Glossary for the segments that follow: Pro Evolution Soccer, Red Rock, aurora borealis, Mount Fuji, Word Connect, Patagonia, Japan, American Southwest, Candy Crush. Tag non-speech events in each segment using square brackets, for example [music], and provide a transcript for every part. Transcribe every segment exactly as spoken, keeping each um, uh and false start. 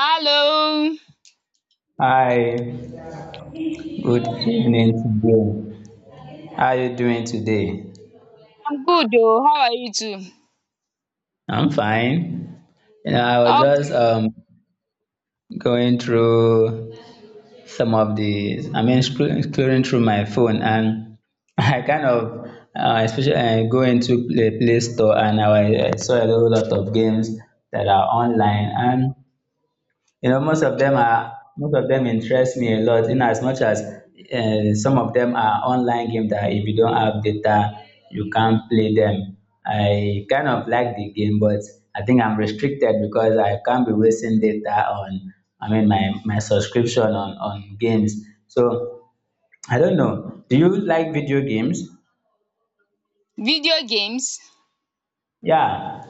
Hello. Doing? Hi, good evening to you. How are you doing today? I'm good oh. How are you too? I'm fine. You know, I was just Okay. um going through some of the, I mean, scro- scrolling through my phone, and [laughs] I kind of, uh, especially I go into the Play Store, and I, wa- I saw a whole lot of games that are online, and you know, most of them are most of them interest me a lot. In as much as uh, some of them are online game that if you don't have data, you can't play them. I kind of like the game, but I think I'm restricted because I can't be wasting data on. I mean, my my subscription on on games. So I don't know. Do you like video games? Video games? Yeah.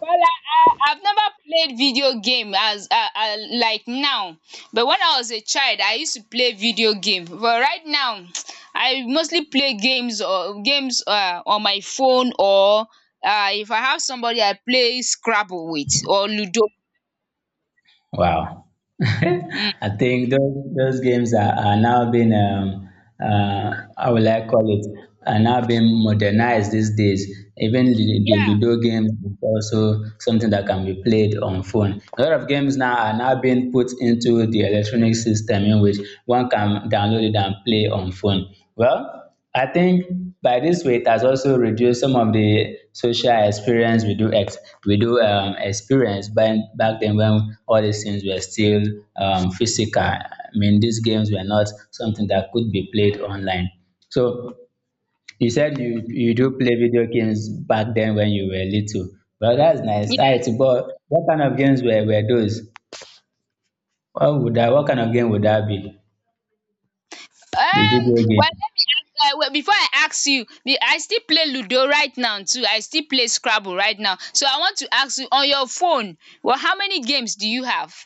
Well, I, I I've never played video game as uh, uh, like now. But when I was a child, I used to play video game. But right now, [tsk] I mostly play games or games uh, on my phone, or uh, if I have somebody I play Scrabble with or Ludo. Wow. [laughs] Mm. I think those, those games are, are now being, um, uh, how will I call it, are now being modernized these days. Even the, the Yeah. Ludo games is also something that can be played on phone. A lot of games now are now being put into the electronic system in which one can download it and play on phone. Well, I think by this way it has also reduced some of the social experience we do ex- we do um, experience back back then when all these things were still um, physical. I mean, these games were not something that could be played online. So you said you you do play video games back then when you were little. Well, that's nice. All right, Yes. but what kind of games were, were those? What would that? What kind of game would that be? The Um, video game. well, let me ask, uh, well, before I ask you, be- I still play Ludo right now too. I still play Scrabble right now. So I want to ask you on your phone, well, how many games do you have?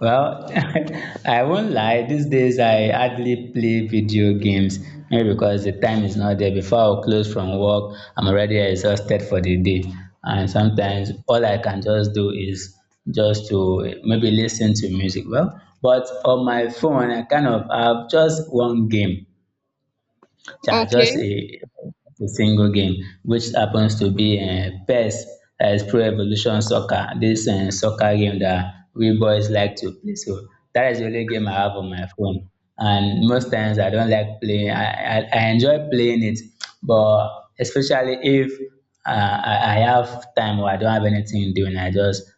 Well, [laughs] I won't lie. These days, I hardly play video games, maybe because the time is not there. Before I close from work, I'm already exhausted for the day. And sometimes all I can just do is just to maybe listen to music. Well, but on my phone, I kind of have just one game. Yeah, Okay. just a, a single game, which happens to be uh, P E S, that is Pro Evolution Soccer. This uh, soccer game that we boys like to play. So that is the only game I have on my phone. And most times I don't like playing. I, I, I enjoy playing it, but especially if uh, I, I have time or I don't have anything doing, I just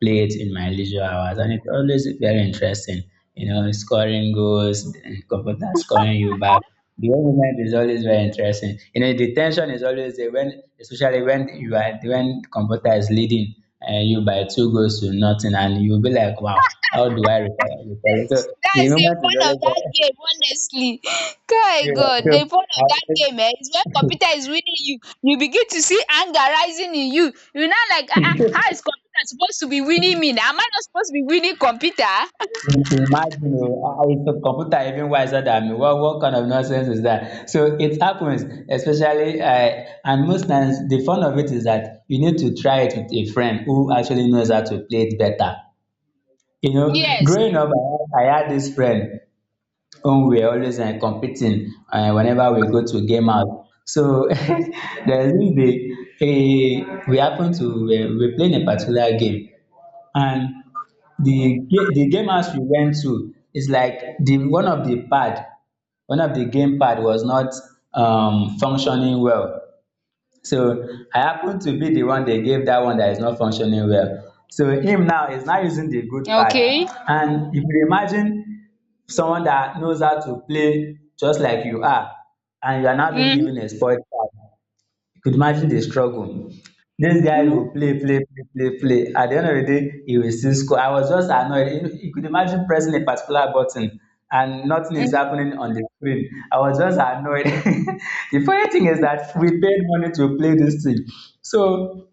play it in my leisure hours, and it's always very interesting. You know, scoring goals, and computer scoring you back. The whole moment is always very interesting. You know, the tension is always there when, especially when you are when computer is leading uh, you by two goals to nothing, and you'll be like, wow, how do I recover? recover? So the That's the moment is fun of always that very. game, honestly. [gasps] My [laughs] God, So the fun I of that game eh, is when computer is winning you. You begin to see anger rising in you. You're not like, ah, uh, how is computer supposed to be winning me now? Am I not supposed to be winning computer? imagine, oh, ah, it's a computer even wiser than me. What, what kind of nonsense is that? So it happens, especially, uh, and most times the fun of it is that you need to try it with a friend who actually knows how to play it better. You know, Yes. growing up, I, had- I had this friend whom we were always uh, competing uh, whenever we go to game out. So [laughs] there's this day, eh, we happened to, uh, we were playing a particular game, and the ga- the game house we went to is like, the one of the pad, one of the game pad was not um functioning well. So I happened to be the one they gave that one that is not functioning well. So him now is now using the good pad. Okay. And if you imagine someone that knows how to play just like you are, and you are now being Mm-hmm. given a spoiled pad, you could imagine the struggle. This guy will play, play, play, play, play. At the end of the day, he will still score. I was just annoyed. You you could imagine pressing a particular button and nothing is happening on the screen. I was just annoyed. [laughs] The funny thing is that we paid money to play this thing. So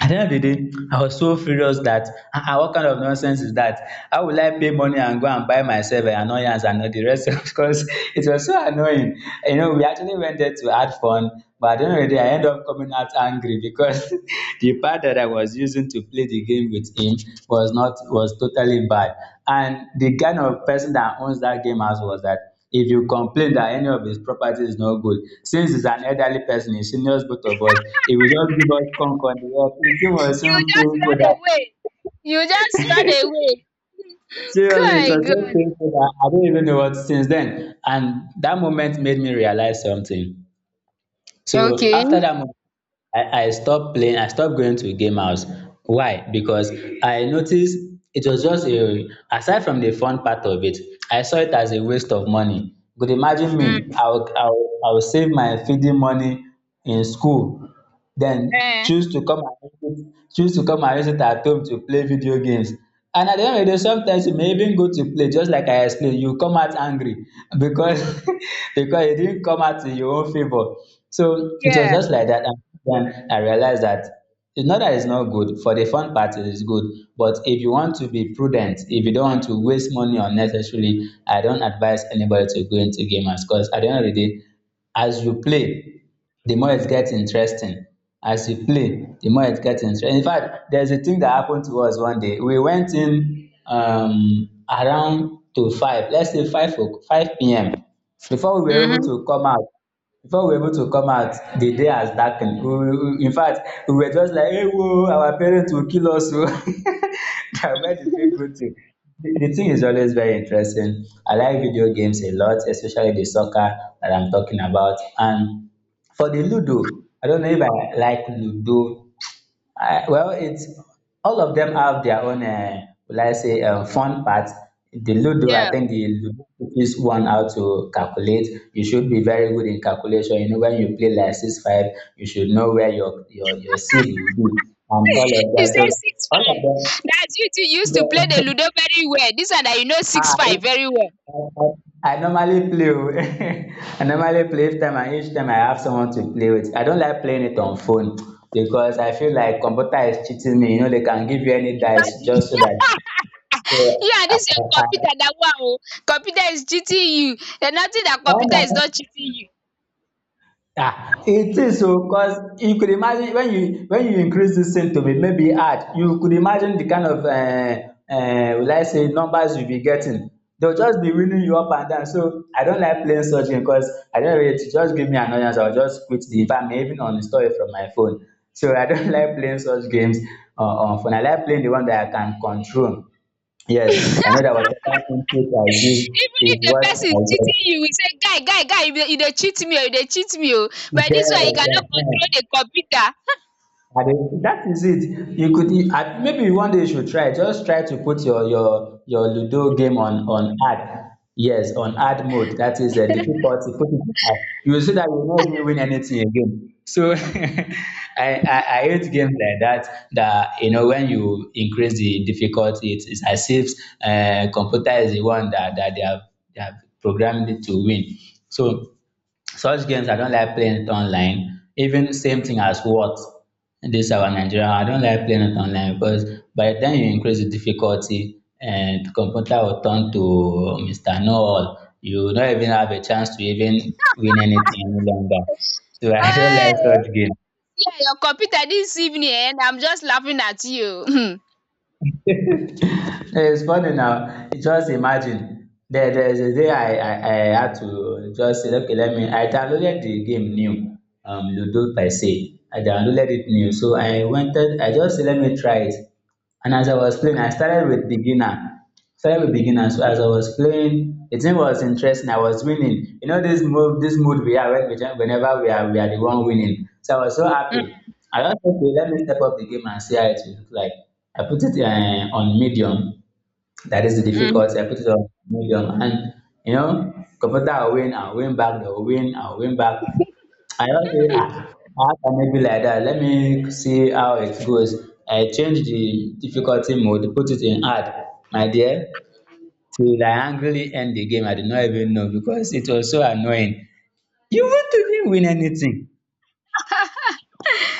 at the end of the day, I was so furious that ah ah what kind of nonsense is that? How will I pay money and go and buy myself an annoyance and all the rest [laughs] of course it was so annoying. You know, we actually went there to have fun, but at the end of the day I end up coming out angry because [laughs] the part that I was using to play the game with him was not was totally bad. And the kind of person that owns that game house was that if you complain that any of his property is not good. Since he's an elderly person, he seniors both of us, he will just give us conk on the head. It was so You just painful run away. You just run that away. [laughs] seriously, it Good, was so good. painful that I don't even know what since then. And that moment made me realize something. So Okay. after that moment, I, I stopped playing, I stopped going to game house. Why? Because I noticed it was just a, aside from the fun part of it, I saw it as a waste of money. But imagine Mm. me, I'll, I'll, I'll save my feeding money in school, then Eh. choose to come and use it choose to come and use it at home to play video games. And at the end of the day sometimes you may even go to play just like I explained. You come out angry because [laughs] because you didn't come out in your own favor. So it was Yeah. just like that, and then I realized that it's not that it's not good. For the fun part, it is good, but if you want to be prudent, if you don't want to waste money unnecessarily, I don't advise anybody to go into gamers, because at the end of the day, as you play, the more it gets interesting. As you play, the more it gets interesting. In fact, there's a thing that happened to us one day. We went in um, around to five, let's say five o- five p m. Before we were able Mm-hmm. to come out, before we were able to come out, the day has darkened. We, we, we- in fact, we were just like, "Hey, whoa, our parents will kill us!" o." [laughs] That where did we go to? The, the thing is always very interesting. I like video games a lot, especially the soccer that I'm talking about, and for the Ludo, I don't know if I like Ludo. I, well, it's all of them have their own, uh, will I say, uh, fun part. The Ludo, I Yeah. think the Ludo teaches one how to calculate. You should be very good in calculation. You know, when you play like six five, you should know where your your your seed will be and all of [laughs] You that. say So six five. all That's you two used to play of the them. Ludo [laughs] very well. This one that you know six I five very well. I normally play o. [laughs] I normally play each time, and each time I have someone to play with. I don't like playing it on phone because I feel like computer is cheating me. You know, they can give you any dice Imagine. just so [laughs] that. So, You and I, this your I, computer that wow. Computer is cheating you. And nothing that I, I computer is know. not cheating you. [laughs] Ah, it is o, cause you could imagine when you when you increase this thing to be maybe hard, you could imagine the kind of um um will I say numbers you be getting. They will just be winning you up and down. So I don't like playing such game cause I don't of just give me annoyance, I will just quit the if I may even uninstall it from my phone. So I don't [laughs] like playing such games on on phone. I like playing the one that I can control. Yes, I know that whatever input I give Even is if the what person I is get. cheating you, we say, guy, guy, guy, you dey you dey cheat me, oh, you dey cheat me, oh. Yes, But this one, you cannot eh, eh. control the computer. I dey that is it. You could you maybe one day you should try. Just try to put your your your Ludo game on on hard. Yes, on hard mode. That is a difficulty. Put it on hard. You will see that you will not even win anything again. So [laughs] I, I I hate games like that. That you know when you increase the difficulty, it is as if uh, computer is the one that that they have they have programmed it to win. So such games I don't like playing it online. Even same thing as what this our Nigeria, I don't like playing it online because by the time you increase the difficulty and the computer will turn to Mister Know-all, you don't even have a chance to even win anything any longer. So [laughs] I don't like Hey, such games. see your computer this evening eh, and I'm just laughing at you. [clears throat] [laughs] Eh, it's funny now. Just imagine. There, there's a day I, I, I had to just say, okay, let me. I downloaded the game new, um, Ludo per se. I downloaded it new. So I wanted, I just said, let me try it. And as I was playing, I started with beginner. Started with beginner. So as I was playing, the thing was interesting. I was winning. You know this move, this mood we are when we jump- whenever we are we are the one winning. So I was so Hmm. happy. I just said, okay, let me step up the game and see how it will look like. I put it uh, on medium. That is the Mm. difficulty. I put it on medium, and you know, computer will win. I win back. They will win. I win back. I just say ah, how can it be like that? Let me see how it goes. I change the difficulty mode, put it in hard, my dear. Till I angrily end the game, I did not even know because it was so annoying. You want to even win anything.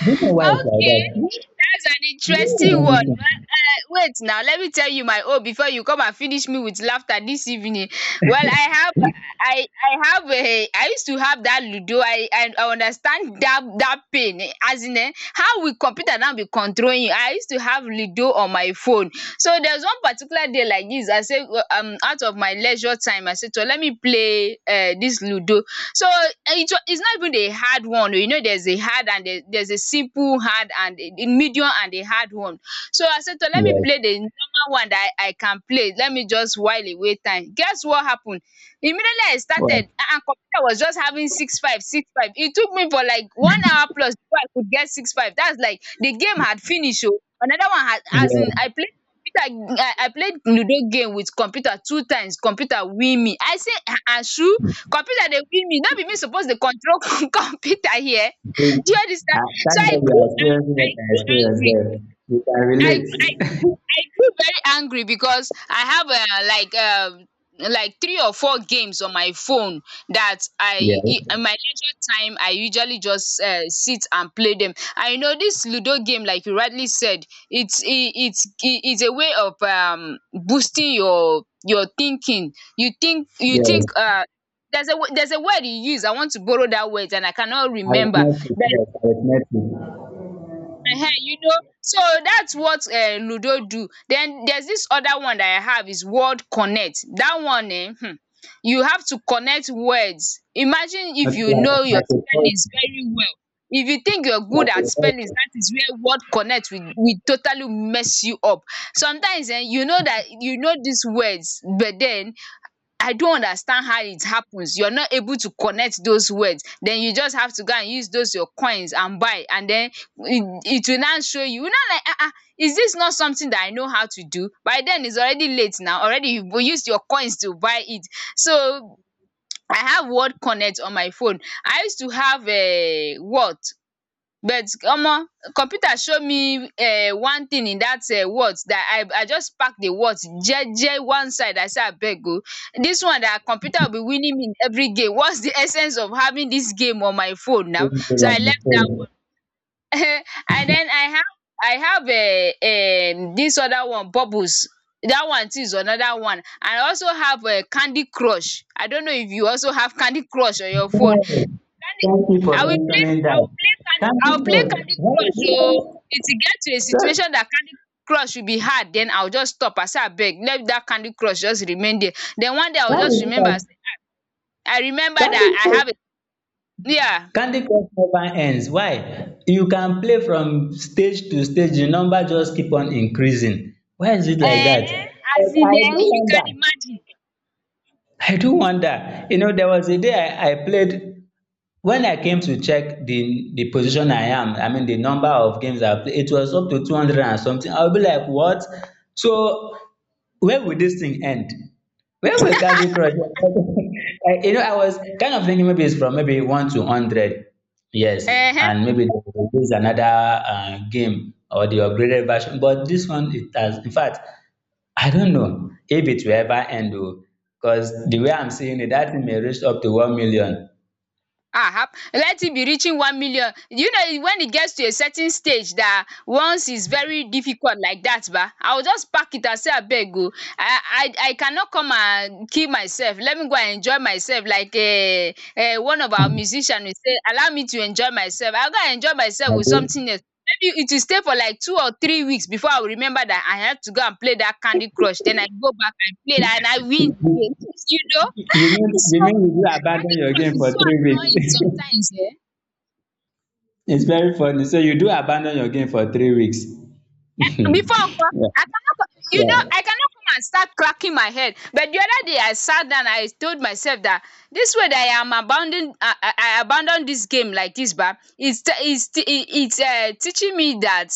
Do you know why it's like that? Okay, You that's an You won't interesting win one. Ma- anything. uh, wait now, let me tell you my own before you come and finish me with laughter this evening. Well, I have, I, I have a, I used to have that ludo. I, I, I understand that that pain. eh, As in, eh, how we computer now be controlling you. I used to have ludo on my phone. So there's one particular day like this. I say, um, out of my leisure time, I said, so let me play uh, this ludo. So eh, it it's not even a hard one. You know there's a hard and there there's a simple hard and a a medium and a hard one. So I said to let me Yes. play the normal one that I I can play, let me just while away time. Guess what happened? Immediately I started Well, a- and computer was just having six five six five. It took me for like one hour plus before I could get six five. That's like the game had finished. Oh, another one had, as yes. in, I played computer, I I played Ludo game with computer two times, computer win me. I say um ashu. Computer dey win me. No be me suppose dey control [laughs] computer here. See, Do you I understand? So thank I God you are grew I experiencing I what I grew experienced angry. there. You can I grew relate. I [laughs] I grew very angry because I have uh, like um like three or four games on my phone that I Yes, i- in my leisure time I usually just uh, sit and play them. I know this Ludo game, like you rightly said, it's i- it's i- it's a way of um boosting your your thinking. You think you yes. think uh. There's a, wo- there's a word you use. I want to borrow that word and I cannot remember. Arithmetic, yes, arithmetic. Not Ehen, you know, so that's what um ludo do. Then there's this other one that I have is word connect. That one, eh? Hmm, you have to connect words. Imagine like, if you know your like a spellings very well. If you think you're good like at a spellings, vessel that is where word connect will will totally mess you up. Sometimes um you know that you know these words, but then I don't understand how it happens. You're not able to connect those words. Then you just have to go and use those your coins and buy. And then it, it will now show you. You know, like, ah, uh is this not something that I know how to do? By then, it's already late now. Already, you used your coins to buy it. So, I have Word Connect on my phone. I used to have a what, but omo, computer show me um one thing in that um wort that I I just pack the wort jeje one side. I say abeg oo, this one that computer will be winning me in every game, whats the essence of having this game on my phone now? going So I on the left that phone. one. [laughs] And then I have I have um um this other one, bubbles. That one too is another one. And I also have um candy crush. I don't know if you also have candy crush on your phone. Yes. Candy, Thank you for I will mentioning play I that. will play can I Candy will Crush. play Candy Why is it Crush oo. that- It will get to a Sir, situation that Candy Crush will be hard, then I will just stop. I say abeg, let dat Candy Crush just remain there. Then one day I will how just is it remember, I that say, I remember Candy dat I Crush? have a, yeah. Candy Crush never ends. Why? You can play from stage to stage. The number just keep on increasing. Why is it like um that? But as in, I um do you can wonder. imagine. I do wonder. You know, there was a day I, I played when I came to check the the position I am, I mean the number of games I played, it was up to two hundred and something. I'll be like, what? So where will this thing end? Where will Candy Crush? [laughs] I- you know, I was kind of thinking maybe it's from maybe one to hundred, yes, um and maybe they will release another uh, game or the upgraded version. But this one, it has. In fact, I don't know if it will ever end, because the way I'm seeing it, that thing may reach up to one million. Ah, hap let it be reaching one million. You know, when it gets to a certain stage that once is very difficult like that ba, I will just pack it and say, "Abeg oh, I I I cannot come and kill myself. Let me go and enjoy myself." Like um um one of our musicians will say, "Allow me to enjoy myself." I'll go and enjoy myself with Okay. something else. Maybe it will stay for like two or three weeks before I will remember that I have to go and play that Candy Crush. Then I go back and play that and I win You, again, [laughs] you know. mean So you mean you do abandon Candy your Crush game for is so three annoying weeks? sometimes, eh? [laughs] It's very funny. So you do abandon your game for three weeks. [laughs] Before Uncle, Yeah, I cannot, co- you yeah, know, I cannot come and start cracking my head. But the other day, I sat down, I told myself that this way that I am abandoning, I, I, I abandon this game like this, but it's t- it's t- it- it's uh, teaching me that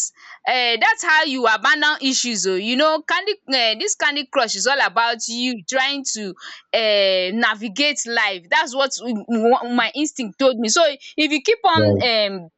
uh, that's how you abandon issues. Oh, you know, Candy, uh, this Candy Crush is all about you trying to uh, navigate life. That's what w- w- my instinct told me. So if you keep on yeah. um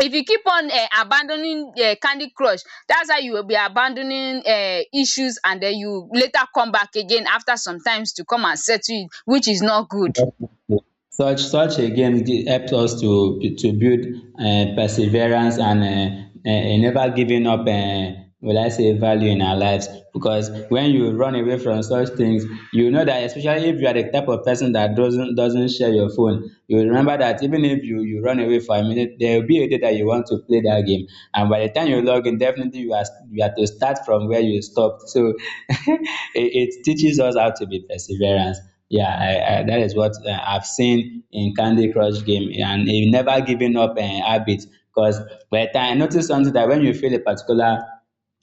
if you keep on uh, abandoning uh, Candy Crush, that's how you will be abandoning uh, issues, and then you later come back again after some times to come and settle it, which is not good. Yeah, Definitely. Such such a game gi- helps us to to build um perseverance and um um never giving up um will I say value in our lives because when you run away from such things you know that especially if you are the type of person that doesn't doesn't share your phone you remember that even if you you run away for a minute there will be a day that you want to play that game and by the time you log in definitely you are you are to start from where you stopped so [laughs] it, it teaches us how to be perseverance. Yeah, I, I, that is what uh, I've seen in Candy Crush game, and he never giving up an habit. Because by the time I noticed something that when you feel a particular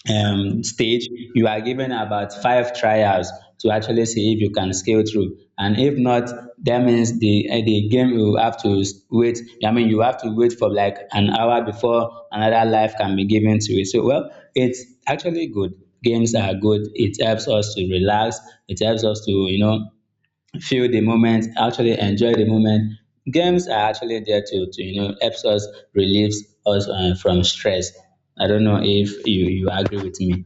um, stage, you are given about five trials to actually see if you can scale through. And if not, that means the eh, the game you have to s- wait. I mean, you have to wait for like an hour before another life can be given to it. So, well, it's actually good. Games are good. It helps us to relax. It helps us to you know feel the moment, actually enjoy the moment. Games are actually there to, to you know, helps us, relieves us uh, from stress. I don't know if you, you agree with me.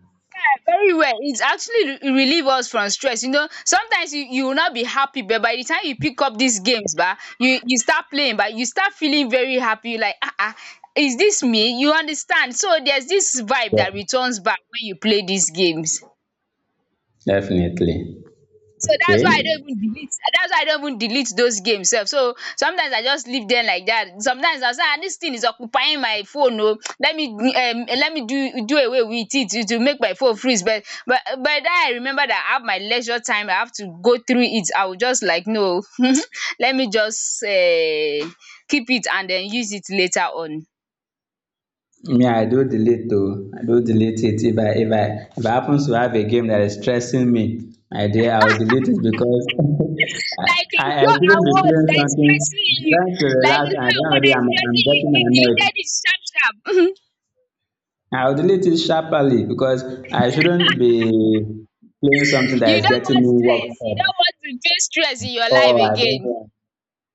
very well, it actually re- relieve us from stress. You know, sometimes you, you will not be happy, but by the time you pick up these games, bah, you you start playing, but you start feeling very happy. Like ah ah, is this me? You understand? So there's this vibe that returns back when you play these games. Definitely. So that's why I Okay. don't even delete. That's why I don't even delete those games sef. So sometimes I just leave them like that. Sometimes I'll say, ah, this thing is occupying my phone oh, let me um let me do do away with it to to make my phone freeze, but but by the time I remember that I have my leisure time I have to go through it, I will just like, no, [laughs] let me just um keep it and then use it later on. Me, I do delete though. I do delete it if I if I if I happens to have a game that is stressing me, my dear, I will delete it because [laughs] I, Like I I Ludo shouldn't be award playing that is something stressing you trying to like relax and Ludo at the end award of the day that is I'm, I'm stressing you getting you annoyed. deleted it sharp sharp. [laughs] I'll delete it sharply because I shouldn't be playing something that You is don getting want me worked stress, you up. don want to face stress in your life Oh, I don't again. want.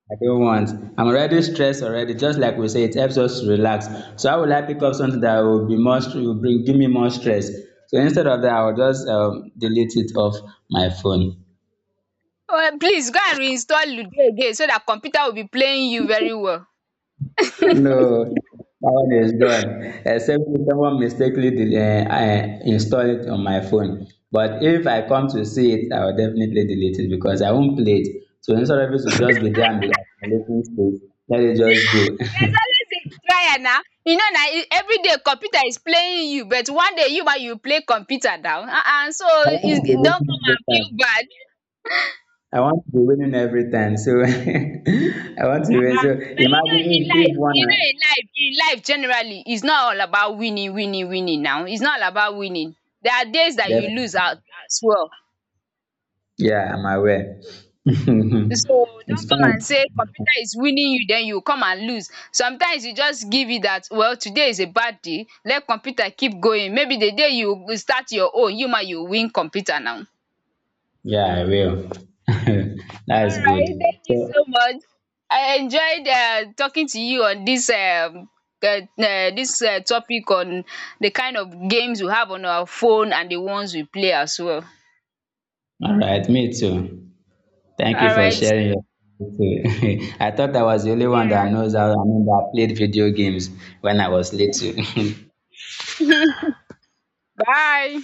I don't want. I'm already stressed already. Just like we say, it helps us to relax. So how will I pick up something that will be more stre- will bring give me more stress? So instead of that, I will just um, delete it off my phone. um please go and reinstall ludo again so dat computer will be playing you very well. No, that one is gone. Except if someone mistakenly del- eh, I install it on my phone. But if I come to see it, I will definitely delete it because I won't play it. So instead of it to just be there and be like looking space, let it just go. [laughs] There's always a trial na, you know na, everyday computer is playing you, but one day you ma you play computer now. um so I want you to be don winning come every and feel time. bad. I want to be winning every time. So [laughs] I want to win. um So but you know in imagine if, if life, you know one, in life, in life generally is not all about winning winning winning now, is not all about winning. There are days dat you def- lose out as well. yeah, I'm aware. [laughs] So It's don't come and fine. say computer is winning you then you come and lose. Sometimes you just give it that, well, today is a bad day, let computer keep going. Maybe the day you will start your own, you ma you win computer now. Yeah, I will. [laughs] That's Alright, good. thank you So, so much. I enjoyed um talking to you on this um um this um topic on the kind of games we have on our phone and the ones we play as well. all right, me too. Thank you for Alright, sharing see your. [laughs] I thought I was the only you one that knows how, I mean, that I played video games when I was little. later. [laughs] Bye.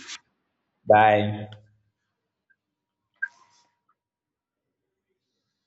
[laughs] Bye.